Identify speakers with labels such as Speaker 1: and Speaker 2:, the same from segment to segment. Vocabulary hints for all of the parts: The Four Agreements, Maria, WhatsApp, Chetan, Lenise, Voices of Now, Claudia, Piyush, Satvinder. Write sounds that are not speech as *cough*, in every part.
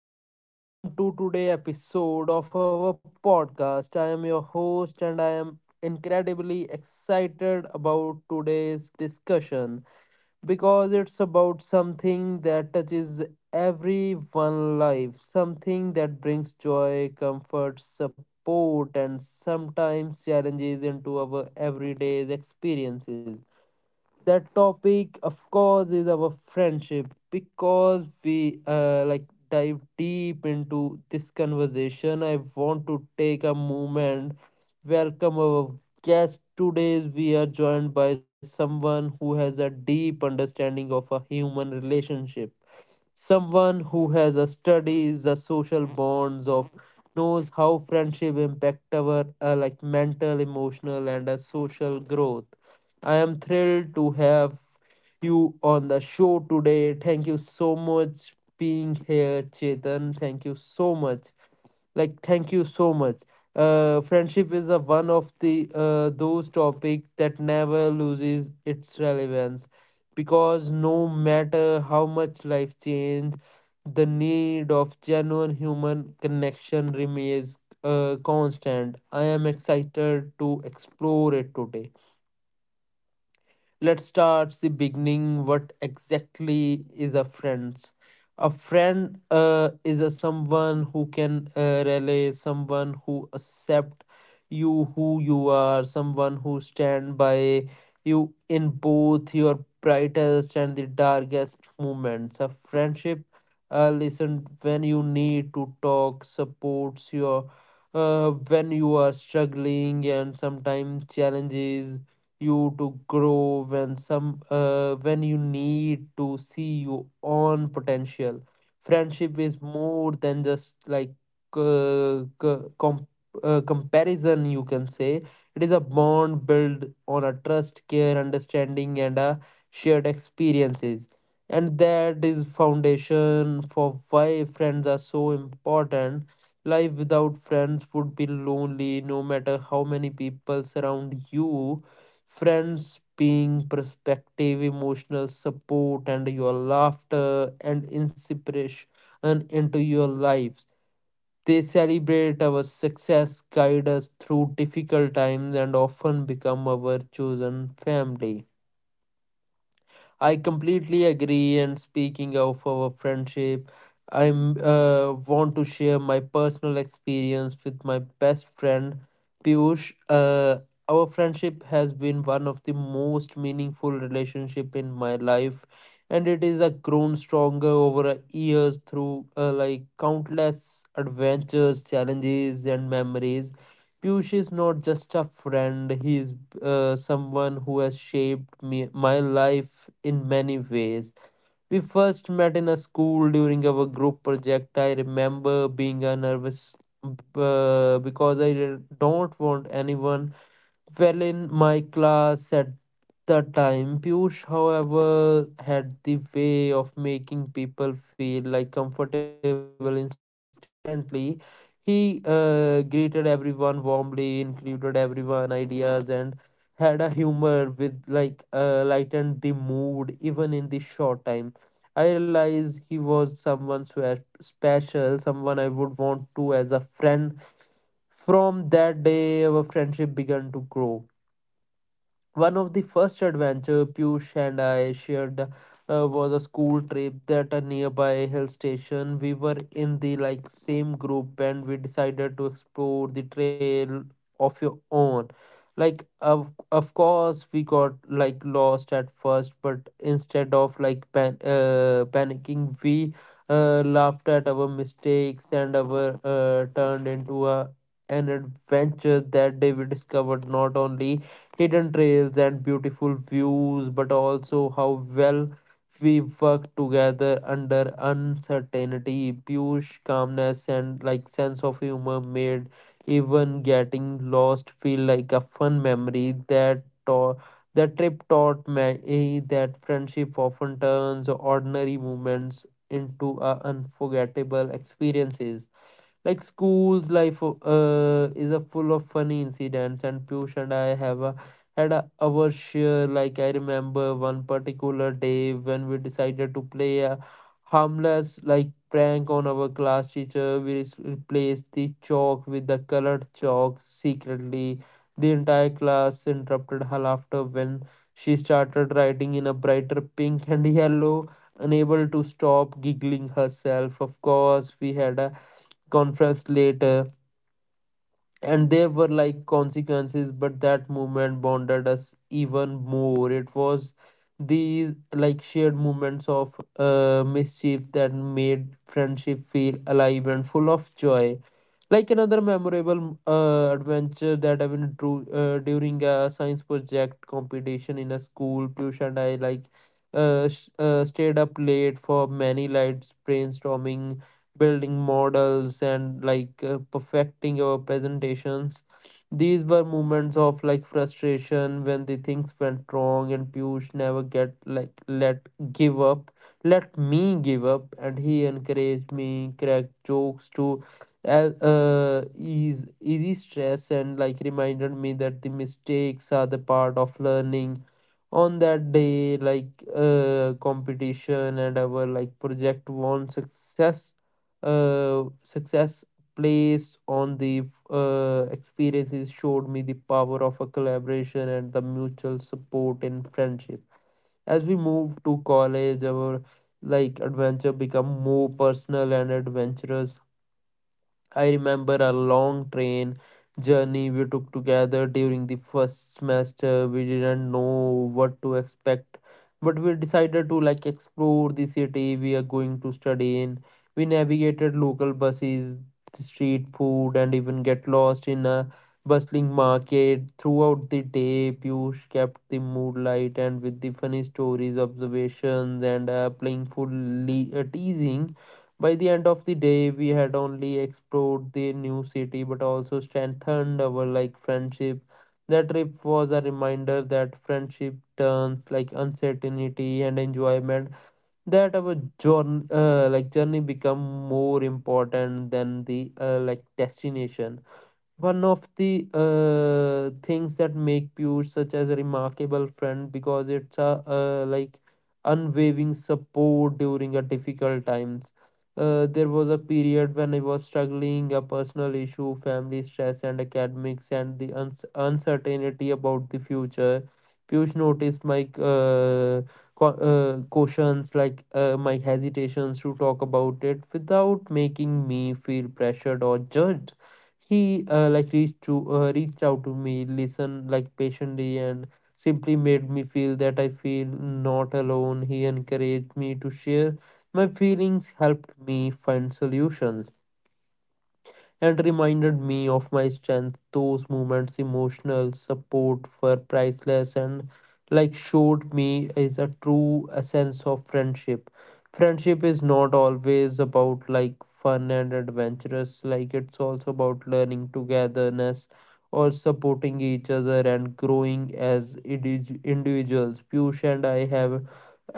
Speaker 1: everyone, welcome to today episode of our podcast. I am your host and I am incredibly excited about today's discussion because it's about something that touches everyone's life, something that brings joy, comfort, support and sometimes challenges into our everyday experiences. The topic of course is our friendship. Because we like dive deep into this conversation, I want to take a moment welcome our guest today. We are joined by someone who has a deep understanding of a human relationship. Someone who has a studies the social bonds of knows how friendship impact our like mental, emotional, and social growth. I am thrilled to have you on the show today. Thank you so much being here, Chetan. Thank you so much like thank you so much. Friendship is a one of the those topic that never loses its relevance, because no matter how much life change, the need of genuine human connection remains constant. I am excited to explore it today. Let's start the beginning, what exactly is a friend? A friend is a someone who can relay, someone who accept you who you are, someone who stand by you in both your brightest and the darkest moments. A friendship listen when you need to talk, supports your when you are struggling, and sometimes challenges you to grow when some when you need to see your own potential. Friendship is more than just like uh, co- com- comparison you can say. It is a bond built on a trust, care, understanding and a shared experiences, and that is foundation for why friends are so important. Life without friends would be lonely no matter how many people surround you. Friends being perspective, emotional support, and your laughter and inspiration into your lives. They celebrate our success, guide us through difficult times, and often become our chosen family. I completely agree. And speaking of our friendship, I want to share my personal experience with my best friend, Piyush. Our friendship has been one of the most meaningful relationship in my life, and it is a grown stronger over a years through like countless adventures, challenges, and memories. Piyush is not just a friend; he is someone who has shaped me, my life in many ways. We first met in a school during our group project. I remember being a nervous because I did not want anyone well in my class at the time. Piyush, however, had the way of making people feel like comfortable instantly. He greeted everyone warmly, included everyone ideas, and had a humor with like lightened the mood even in the short time. I realized he was special, someone I would want to as a friend. From that day, our friendship began to grow. One of the first adventure Piyush and I shared was a school trip at a nearby hill station. We were in the like same group and we decided to explore the trail of your own. Like of course we got like lost at first, but instead of panicking, we laughed at our mistakes and our turned into a an adventure. That day we discovered not only hidden trails and beautiful views, but also how well we work together under uncertainty. Pure calmness and like sense of humor made even getting lost feel like a fun memory that taught. That trip taught me that friendship often turns ordinary moments into a unforgettable experiences. Like school's life is a full of funny incidents and Piyush and had a, our share. Like I remember one particular day when we decided to play a harmless like prank on our class teacher. We replaced the chalk with the colored chalk secretly. The entire class interrupted her laughter when she started writing in a brighter pink and *laughs* yellow, unable to stop giggling herself. Of course we had a conference later, and there were like consequences, but that moment bonded us even more. It was these like shared moments of mischief that made friendship feel alive and full of joy. Like another memorable adventure that happened through, during a science project competition in a school, Piyush and I like stayed up late for many nights brainstorming, building models, and like perfecting our presentations. These were moments of like frustration when the things went wrong, and Piyush never get like let give up, let me give up, and he encouraged me, cracked jokes to that is easy stress and like reminded me that the mistakes are the part of learning. On that day like competition and our like project won success success place on the experiences showed me the power of a collaboration and the mutual support and friendship. As we move to college, our like adventure become more personal and adventurous. I remember a long train journey we took together during the first semester. We didn't know what to expect, but we decided to like explore the city we are going to study in. We navigated local buses, the street food, and even get lost in a bustling market. Throughout the day, Piyush kept the mood light and with the funny stories, observations, and playful teasing. By the end of the day, we had only explored the new city but also strengthened our like friendship. That trip was a reminder that friendship turns like uncertainty and enjoyment. That our journey, journey, become more important than the like destination. One of the things that make Pure such as a remarkable friend because it's a like unwavering support during a difficult times. There was a period when I was struggling a personal issue, family stress, and academics, and the uncertainty about the future. Piyush noticed my cautions, like my hesitations to talk about it without making me feel pressured or judged. He like reached out to me, listened like patiently, and simply made me feel that I feel not alone. He encouraged me to share my feelings, helped me find solutions and reminded me of my strength. Those moments, emotional support were priceless and like showed me is a true essence of friendship. Friendship is not always about like fun and adventurous, like it's also about learning togetherness or supporting each other and growing as individuals. Piyush and I have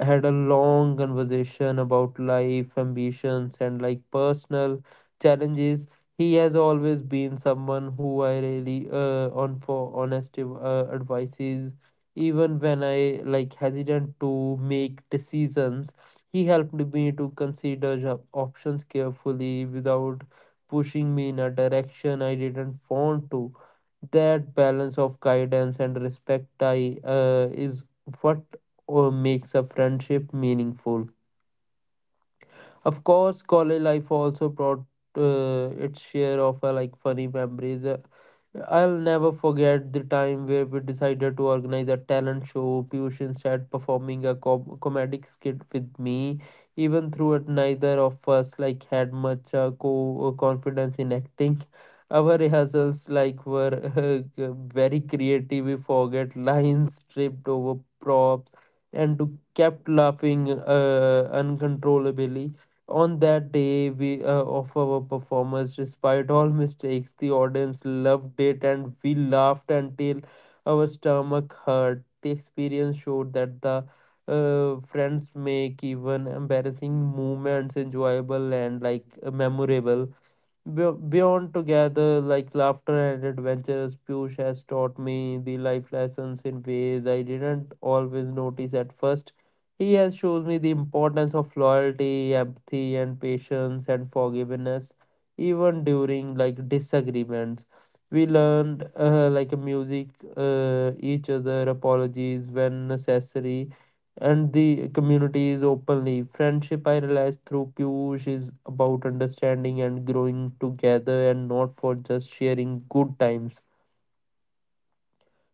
Speaker 1: had a long conversation about life, ambitions, and like personal challenges. He has always been someone who I really on for honest advices. Even when I like hesitant to make decisions, he helped me to consider options carefully without pushing me in a direction I didn't want to. That balance of guidance and respect I is what makes a friendship meaningful. Of course, college life also brought its share of like funny memories. I'll never forget the time where we decided to organize a talent show. Piyush instead performing a comedic skit with me. Even through it, neither of us like had much confidence in acting. Our rehearsals like were *laughs* very creative. We forget lines, tripped over props, and kept laughing uncontrollably. On that day we of our performance, despite all mistakes, the audience loved it and we laughed until our stomach hurt. The experience showed that the friends make even embarrassing moments enjoyable and like memorable. Beyond together, like laughter and adventures, Piyush has taught me the life lessons in ways I didn't always notice at first. He has shown me the importance of loyalty, empathy, and patience and forgiveness, even during like disagreements. We learned like music, each other apologies when necessary, and the community is openly. Friendship, I realized through Piyush, is about understanding and growing together and not for just sharing good times.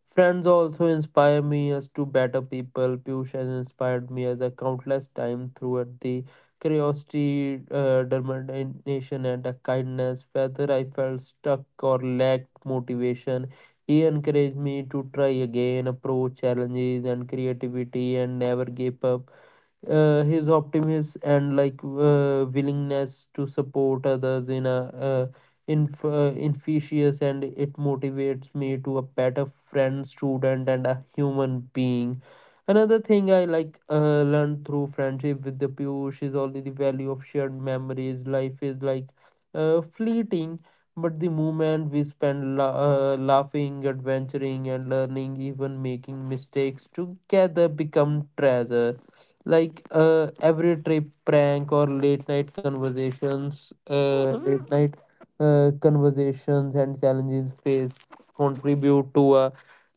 Speaker 1: Friends also inspire me as to better people. Piyush has inspired me as a countless time throughout the curiosity, determination, and a kindness. Whether I felt stuck or lacked motivation, he encouraged me to try again, approach challenges and creativity, and never give up. His optimism and willingness to support others in a uh, inf- infectious and it motivates me to a better friend, student, and a human being. Another thing I learned through friendship with the Piyush is only the value of shared memories. Life is fleeting, but the moment we spend laughing, adventuring, and learning, even making mistakes together, become treasure. Every trip, prank, or late night conversations and challenges faced contribute to a,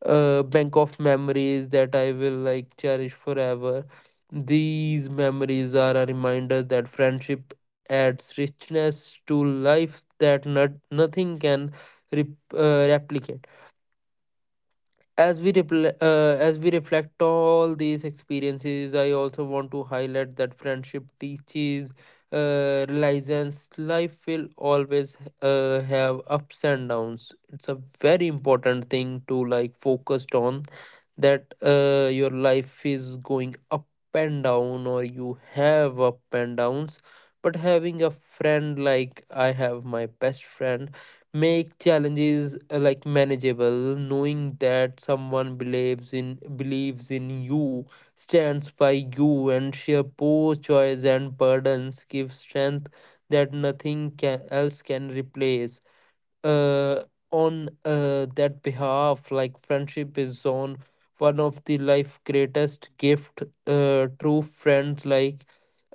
Speaker 1: bank of memories that I will cherish forever. These memories are a reminder that friendship adds richness to life that nothing can rep, replicate. As we repl- as we reflect all these experiences, I also want to highlight that friendship teaches reliance. Life will always have ups and downs. It's a very important thing to focused on that your life is going up and down, or you have up and downs, but having a friend like I have my best friend make challenges manageable. Knowing that someone believes in you, stands by you, and share poor joys and burdens give strength that nothing can, else can replace. Uh, on That behalf, friendship is on one of the life greatest gift. True friends like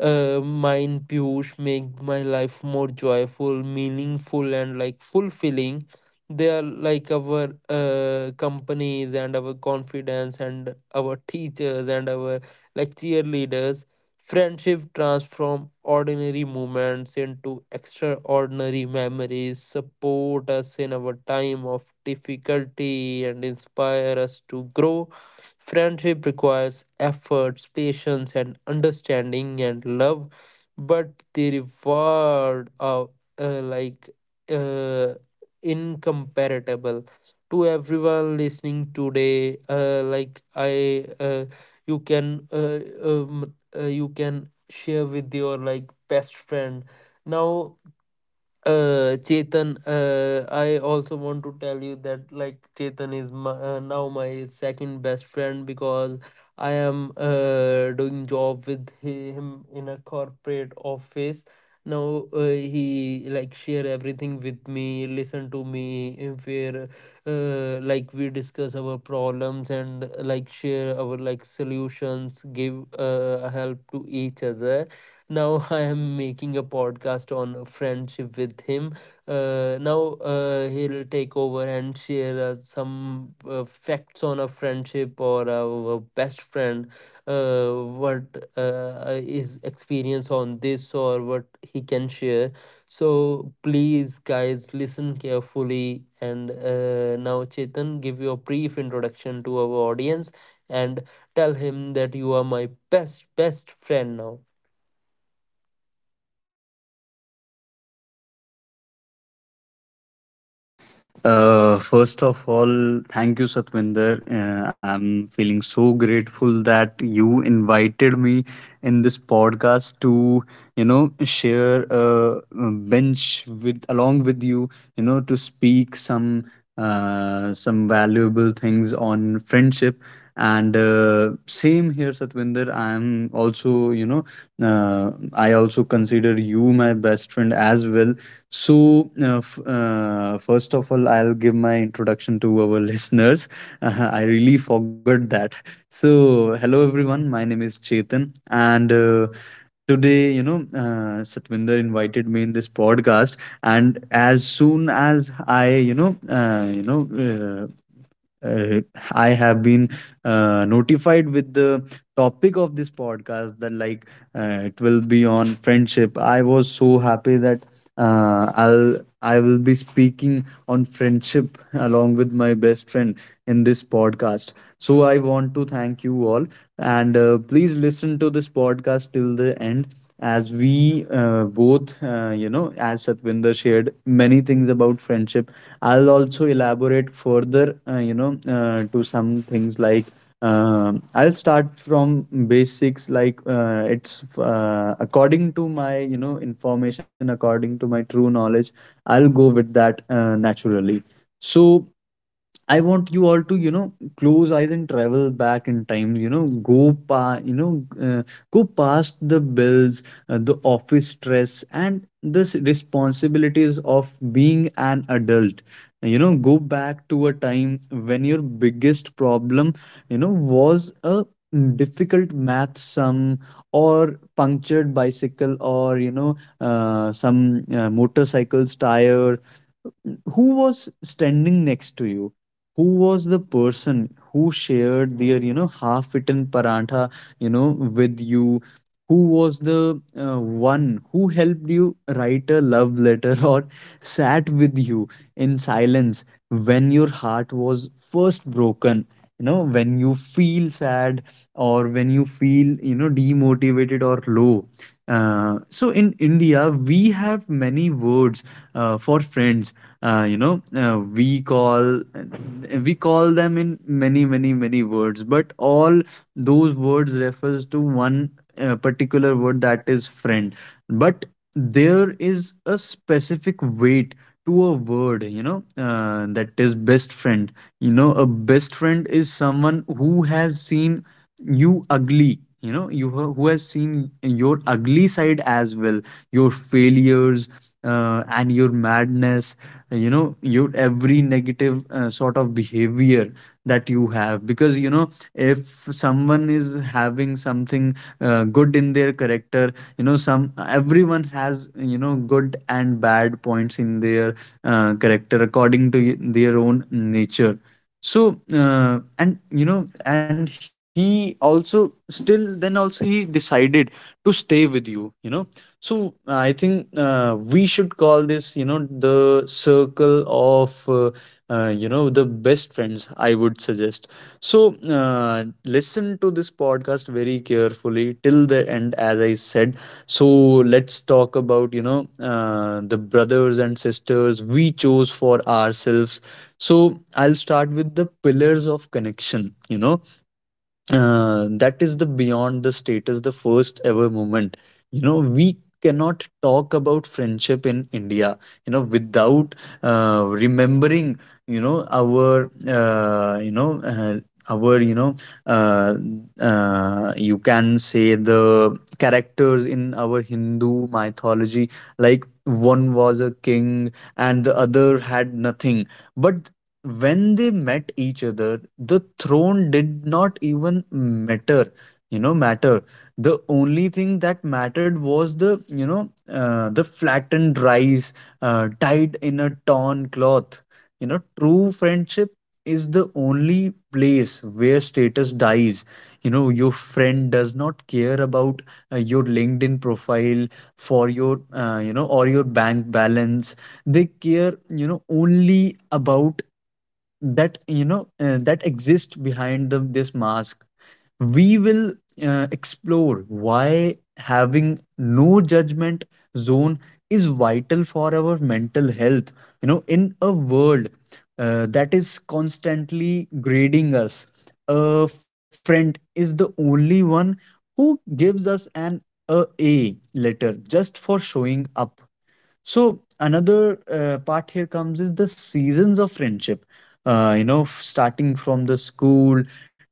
Speaker 1: uh, mine Piyush make my life more joyful, meaningful, and fulfilling. They are like our companies, and our confidence, and our teachers, and our cheerleaders. Friendship transform ordinary moments into extraordinary memories, support us in our time of difficulty, and inspire us to grow. Friendship requires efforts, patience, and understanding and love, but the reward are uh, like uh, incomparable. To everyone listening today, like I. You can uh, um, you can share with your best friend now. Chetan, I also want to tell you that like Chetan is my, now my second best friend, because I am doing job with him in a corporate office. Now, he like share everything with me, listen to me, if we're we discuss our problems and like share our solutions, give help to each other now. *laughs* I am making a podcast on friendship with him. Now He'll take over and share some facts on a friendship or our best friend. What is experience on this, or what he can share. So please, guys, listen carefully. And Now, Chetan, give your brief introduction to our audience and tell him that you are my best friend now.
Speaker 2: First of all, thank you, Satvinder. I'm feeling so grateful that you invited me in this podcast to, share a bench with along with you, to speak some valuable things on friendship, and same here, Satvinder. I am also, I also consider you my best friend as well. So, first of all, I'll give my introduction to our *laughs* listeners. I really forgot that. So, hello everyone, my name is Chetan, and today, Satvinder invited me in this podcast, and as soon as I, uh, you know, Uh, uh, I have been notified with the topic of this podcast, that like it will be on friendship. I was so happy that uh, I'll I will be speaking on friendship along with my best friend in this podcast. So I want to thank you all, and please listen to this podcast till the end, as we both, as Satvinder shared many things about friendship. I'll also elaborate further to some things, like I'll start from basics, like it's according to my information, according to my true knowledge. I'll go with that naturally. So I want you all to, close eyes and travel back in time. You know, go pa, you know, Go past the bills, the office stress, and the responsibilities of being an adult. Go back to a time when your biggest problem, was a difficult math sum, or punctured bicycle, or some motorcycle's tire. Who was standing next to you? Who was the person who shared their, half eaten parantha, you know with you? Who was the uh, one who helped you write a love letter *laughs* or sat with you in silence when your heart was first broken, when you feel sad, or when you feel, demotivated or low? So in India we have many words for friends. uh, you know uh, we call we call them in many, many, many words, but all those words refers to one particular word, that is friend. But there is a specific weight to a word, that is best friend. A best friend is someone who has seen you ugly, who has seen your ugly side as well, your failures, and your madness, your every negative sort of behavior that you have. Because, if someone is having something good in their character, you know some everyone has, good and bad points in their character, according to their own nature. So, and you know and he also, still then also, he decided to stay with you, you know So I think we should call this, the circle of the best friends, I would suggest. So, listen to this podcast very carefully till the end, as I said. So, let's talk about, the brothers and sisters we chose for ourselves. So, I'll start with the pillars of connection, that is the beyond the status, the first ever moment. We cannot talk about friendship in India without remembering you know our you know our you know uh, you can say, the characters in our Hindu mythology. Like, one was a king and the other had nothing, but when they met each other, the throne did not even matter. You know, matter. The only thing that mattered was the you know the flattened rice tied in a torn cloth. True friendship is the only place where status dies. Your friend does not care about your LinkedIn profile for your, or your bank balance. They care, only about that, that exist behind this mask. We will explore why having no judgment zone is vital for our mental health, in a world that is constantly grading us. A friend is the only one who gives us an A letter just for showing up. So another part here comes is the seasons of friendship. Starting from the school,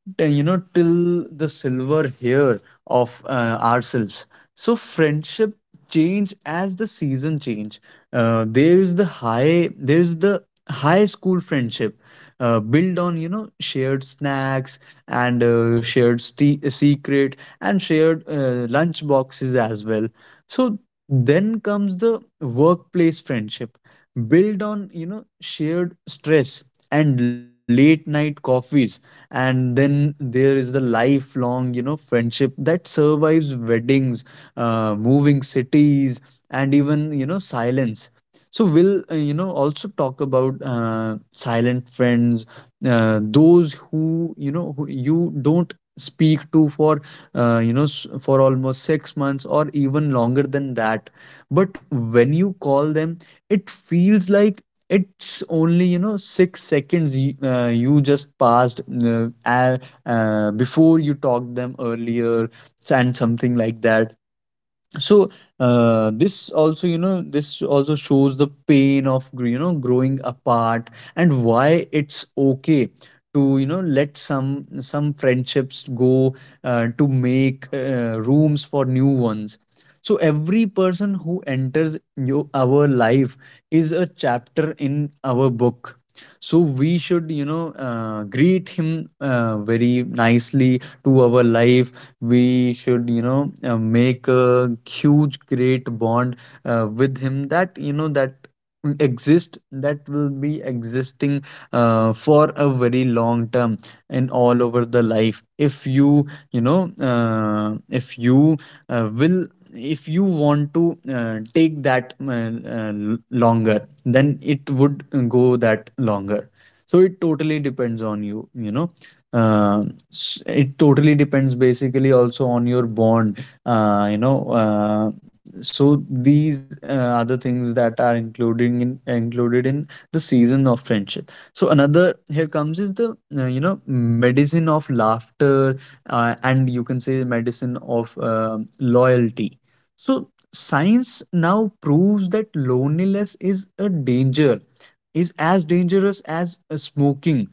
Speaker 2: till the silver hair of ourselves. So friendship change as the season change. There is the high school friendship built on, shared snacks, and shared secret, and shared lunch boxes as well. So then comes the workplace friendship, built on, shared stress and late night coffees. And then there is the lifelong, friendship that survives weddings, moving cities, and even, silence. So we'll also talk about silent friends, those who you don't speak to for for almost 6 months or even longer than that. But when you call them, it feels like it's only, 6 seconds you, you just passed before you talked them earlier, and something like that. So this also shows the pain of growing apart, and why it's okay to, let some friendships go, to make rooms for new ones. So every person who enters our life is a chapter in our book. So we should, greet him very nicely to our life. We should, make a huge great bond with him, that, that exist, that will be existing for a very long term. And all over the life, if you you know if you will if you want to take that longer, then it would go that longer. So it totally depends on you, uh, it totally depends basically also on your bond, uh, you know uh, so these are the things that are including in included in the season of friendship. So another here comes is the, medicine of laughter, and you can say medicine of loyalty. So science now proves that loneliness is a danger is as dangerous as smoking.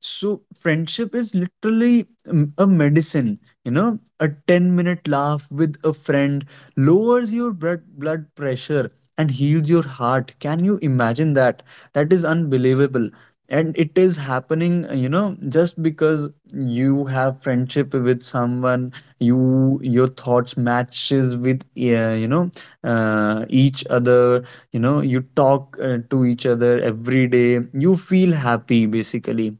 Speaker 2: So friendship is literally, a medicine. A 10 minute laugh with a friend lowers your blood pressure and heals your heart. Can you imagine that? That is unbelievable. And it is happening, you know, just because you have friendship with someone, your thoughts matches with, each other. You know, you talk to each other every day. You feel happy basically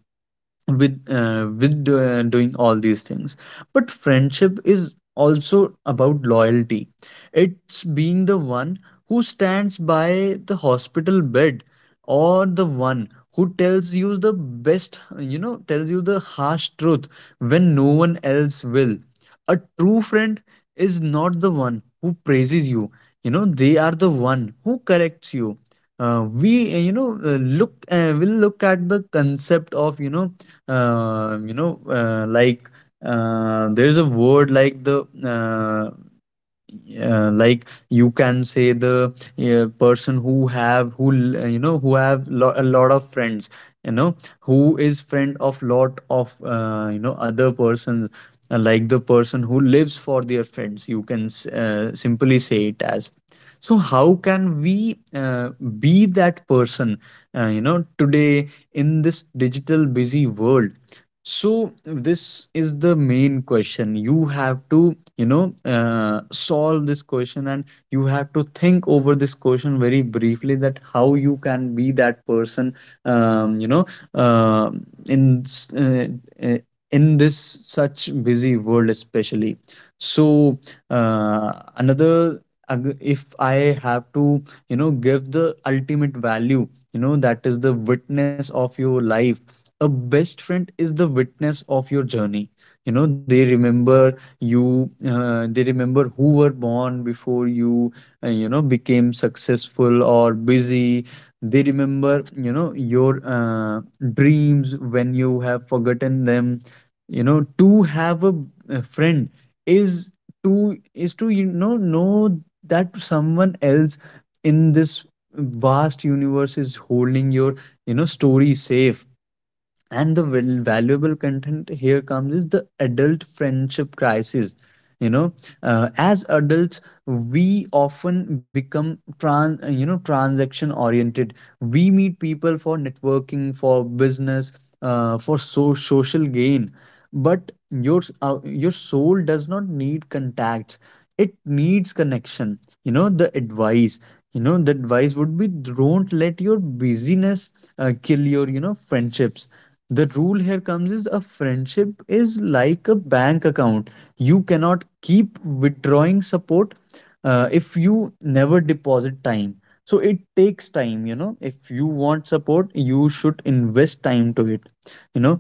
Speaker 2: with doing all these things. But friendship is also about loyalty. It's being the one who stands by the hospital bed, or the one who tells you the harsh truth when no one else will. A true friend is not the one who praises you, you know they are the one who corrects you. Uh, we you know look will look at the concept of, like, there's a word like the, uh, like, you can say the person who have who l- you know who have, a lot of friends, you know who is friend of lot of other persons, like the person who lives for their friends, you can, simply say it as. So how can we be that person, today, in this digital busy world? So this is the main question. You have to, solve this question, and you have to think over this question very briefly, that how you can be that person, um, you know, uh, in s- uh, uh, in this such busy world especially. So uh, another ag- if I have to give the ultimate value, that is the witness of your life. A best friend is the witness of your journey. You know, they remember you, they remember who were born before you, you know, became successful or busy. They remember, you know, your dreams when you have forgotten them. You know, to have a friend is to is to, you know that someone else in this vast universe is holding your, you know, story safe. And the valuable content here comes is the adult friendship crisis. You know, as adults we often become transaction oriented. We meet people for networking, for business, for social gain. But your soul does not need contacts, it needs connection. you know the advice you know, the advice would be, don't let your busyness kill your, you know, friendships. The rule here comes is, a friendship is like a bank account. You cannot keep withdrawing support if you never deposit time. So it takes time. You know, if you want support you should invest time to it. You know,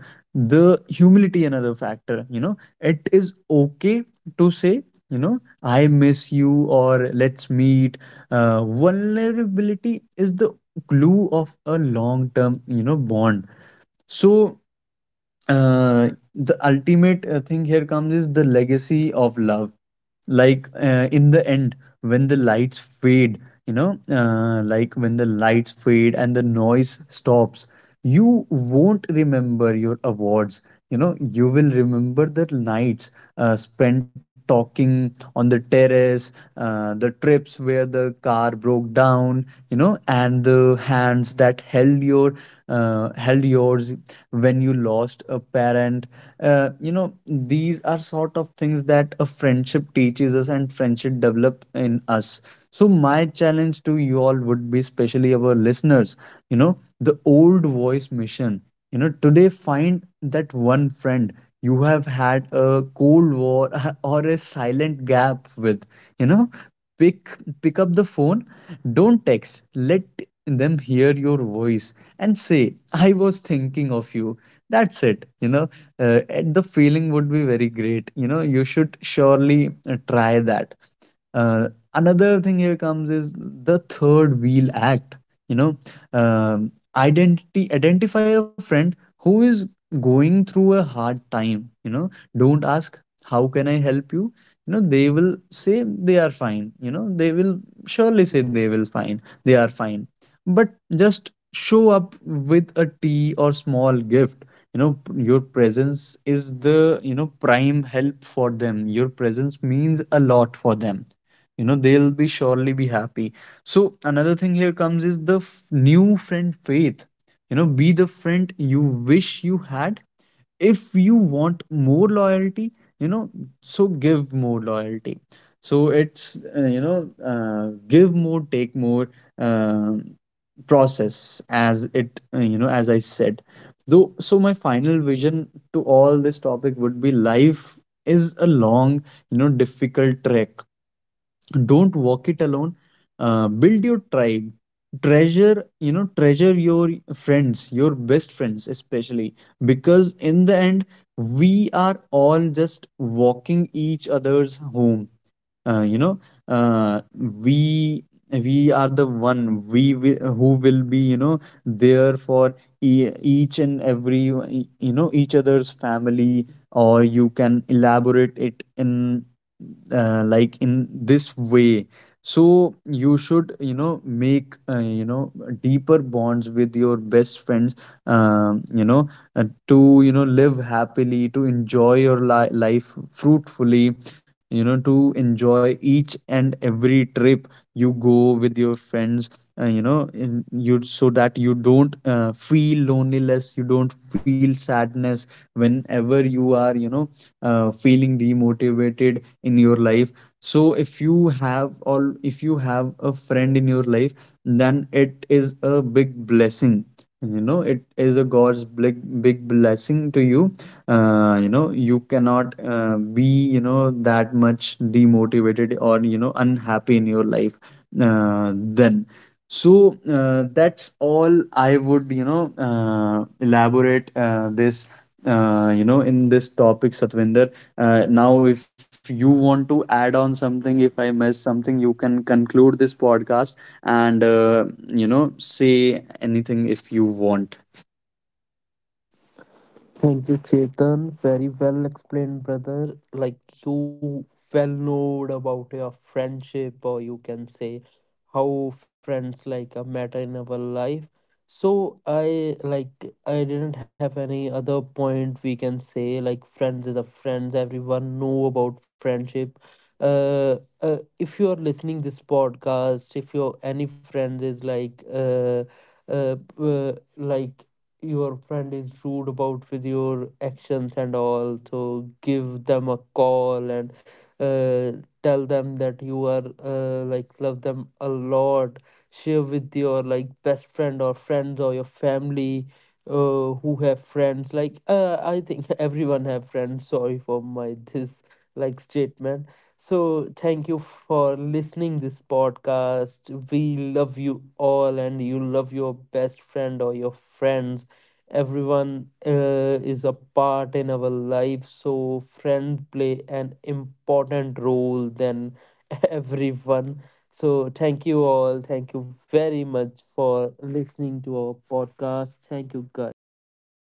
Speaker 2: the humility, another factor, you know, it is okay to say, you know, I miss you, or let's meet. Uh, vulnerability is the glue of a long term, you know, bond. So the ultimate thing here comes is the legacy of love. Like, in the end, when the lights fade, when the lights fade and the noise stops, you won't remember your awards. You know, you will remember the nights spent talking on the terrace, the trips where the car broke down, you know, and the hands that held yours when you lost a parent. Uh, you know, these are sort of things that a friendship teaches us and friendship develop in us. So my challenge to you all would be, especially our listeners, you know, the old voice mission, you know, today find that one friend you have had a cold war *laughs* or a silent gap with. You know, pick pick up the phone, don't text, let them hear your voice, and say, I was thinking of you. That's it. And the feeling would be very great. You know, you should surely try that. Another thing here comes is the third wheel act. You know, identity identify a friend who is going through a hard time. You know, don't ask, how can I help you? You know, they will say they are fine. You know, they will surely say they will fine. They are fine, but just show up with a tea or small gift. Your presence is the, you know, prime help for them. Your presence means a lot for them. You know, they'll be surely be happy. So another thing here comes is the new friend faith. You know, be the friend you wish you had. If you want more loyalty, you know, so give more loyalty. So it's give more, take more. um Process as it, as I said, though. So my final vision to all this topic would be, life is a long, you know, difficult trek. Don't walk it alone. Uh, build your tribe, treasure, you know, treasure your friends, your best friends especially. Because in the end, we are all just walking each other's home. uh, you know uh, we we are the one, who will be, you know, there for each and every, you know, each other's family. Or you can elaborate it in, like, in this way. So you should, you know, make deeper bonds with your best friends, you know, to, you know, live happily, to enjoy your life fruitfully. You know, to enjoy each and every trip you go with your friends. You know in, you So that you don't feel loneliness, you don't feel sadness whenever you are, you know, feeling demotivated in your life. So if you have a friend in your life, then it is a big blessing. You know, it is a god's big big blessing to you. Uh, you know, you cannot be, you know, that much demotivated or, you know, unhappy in your life, then so that's all I would, you know, elaborate this, you know, in this topic, Satvinder. Now if you want to add on something, if I miss something, you can conclude this podcast, and you know, say anything if you want.
Speaker 1: Thank you, Chetan. Very well explained, brother. Like you well know about your friendship, or you can say how friends like a matter in our life. So I didn't have any other point we can say like friends is a friends. Everyone know about friendship. If you are listening this podcast, if your any friends is uh, uh like your friend is rude about with your actions and all, so give them a call and uh, tell them that you are love them a lot. Share with your best friend or friends or your family who have friends I think *laughs* everyone have friends. Sorry for my *laughs* this statement. So thank you for listening this podcast. We love you all and you love your best friend or your friends. Everyone is a part in our life, so friends play an important role than *laughs* everyone. So thank you all. Thank you very much for listening to our podcast. Thank you guys.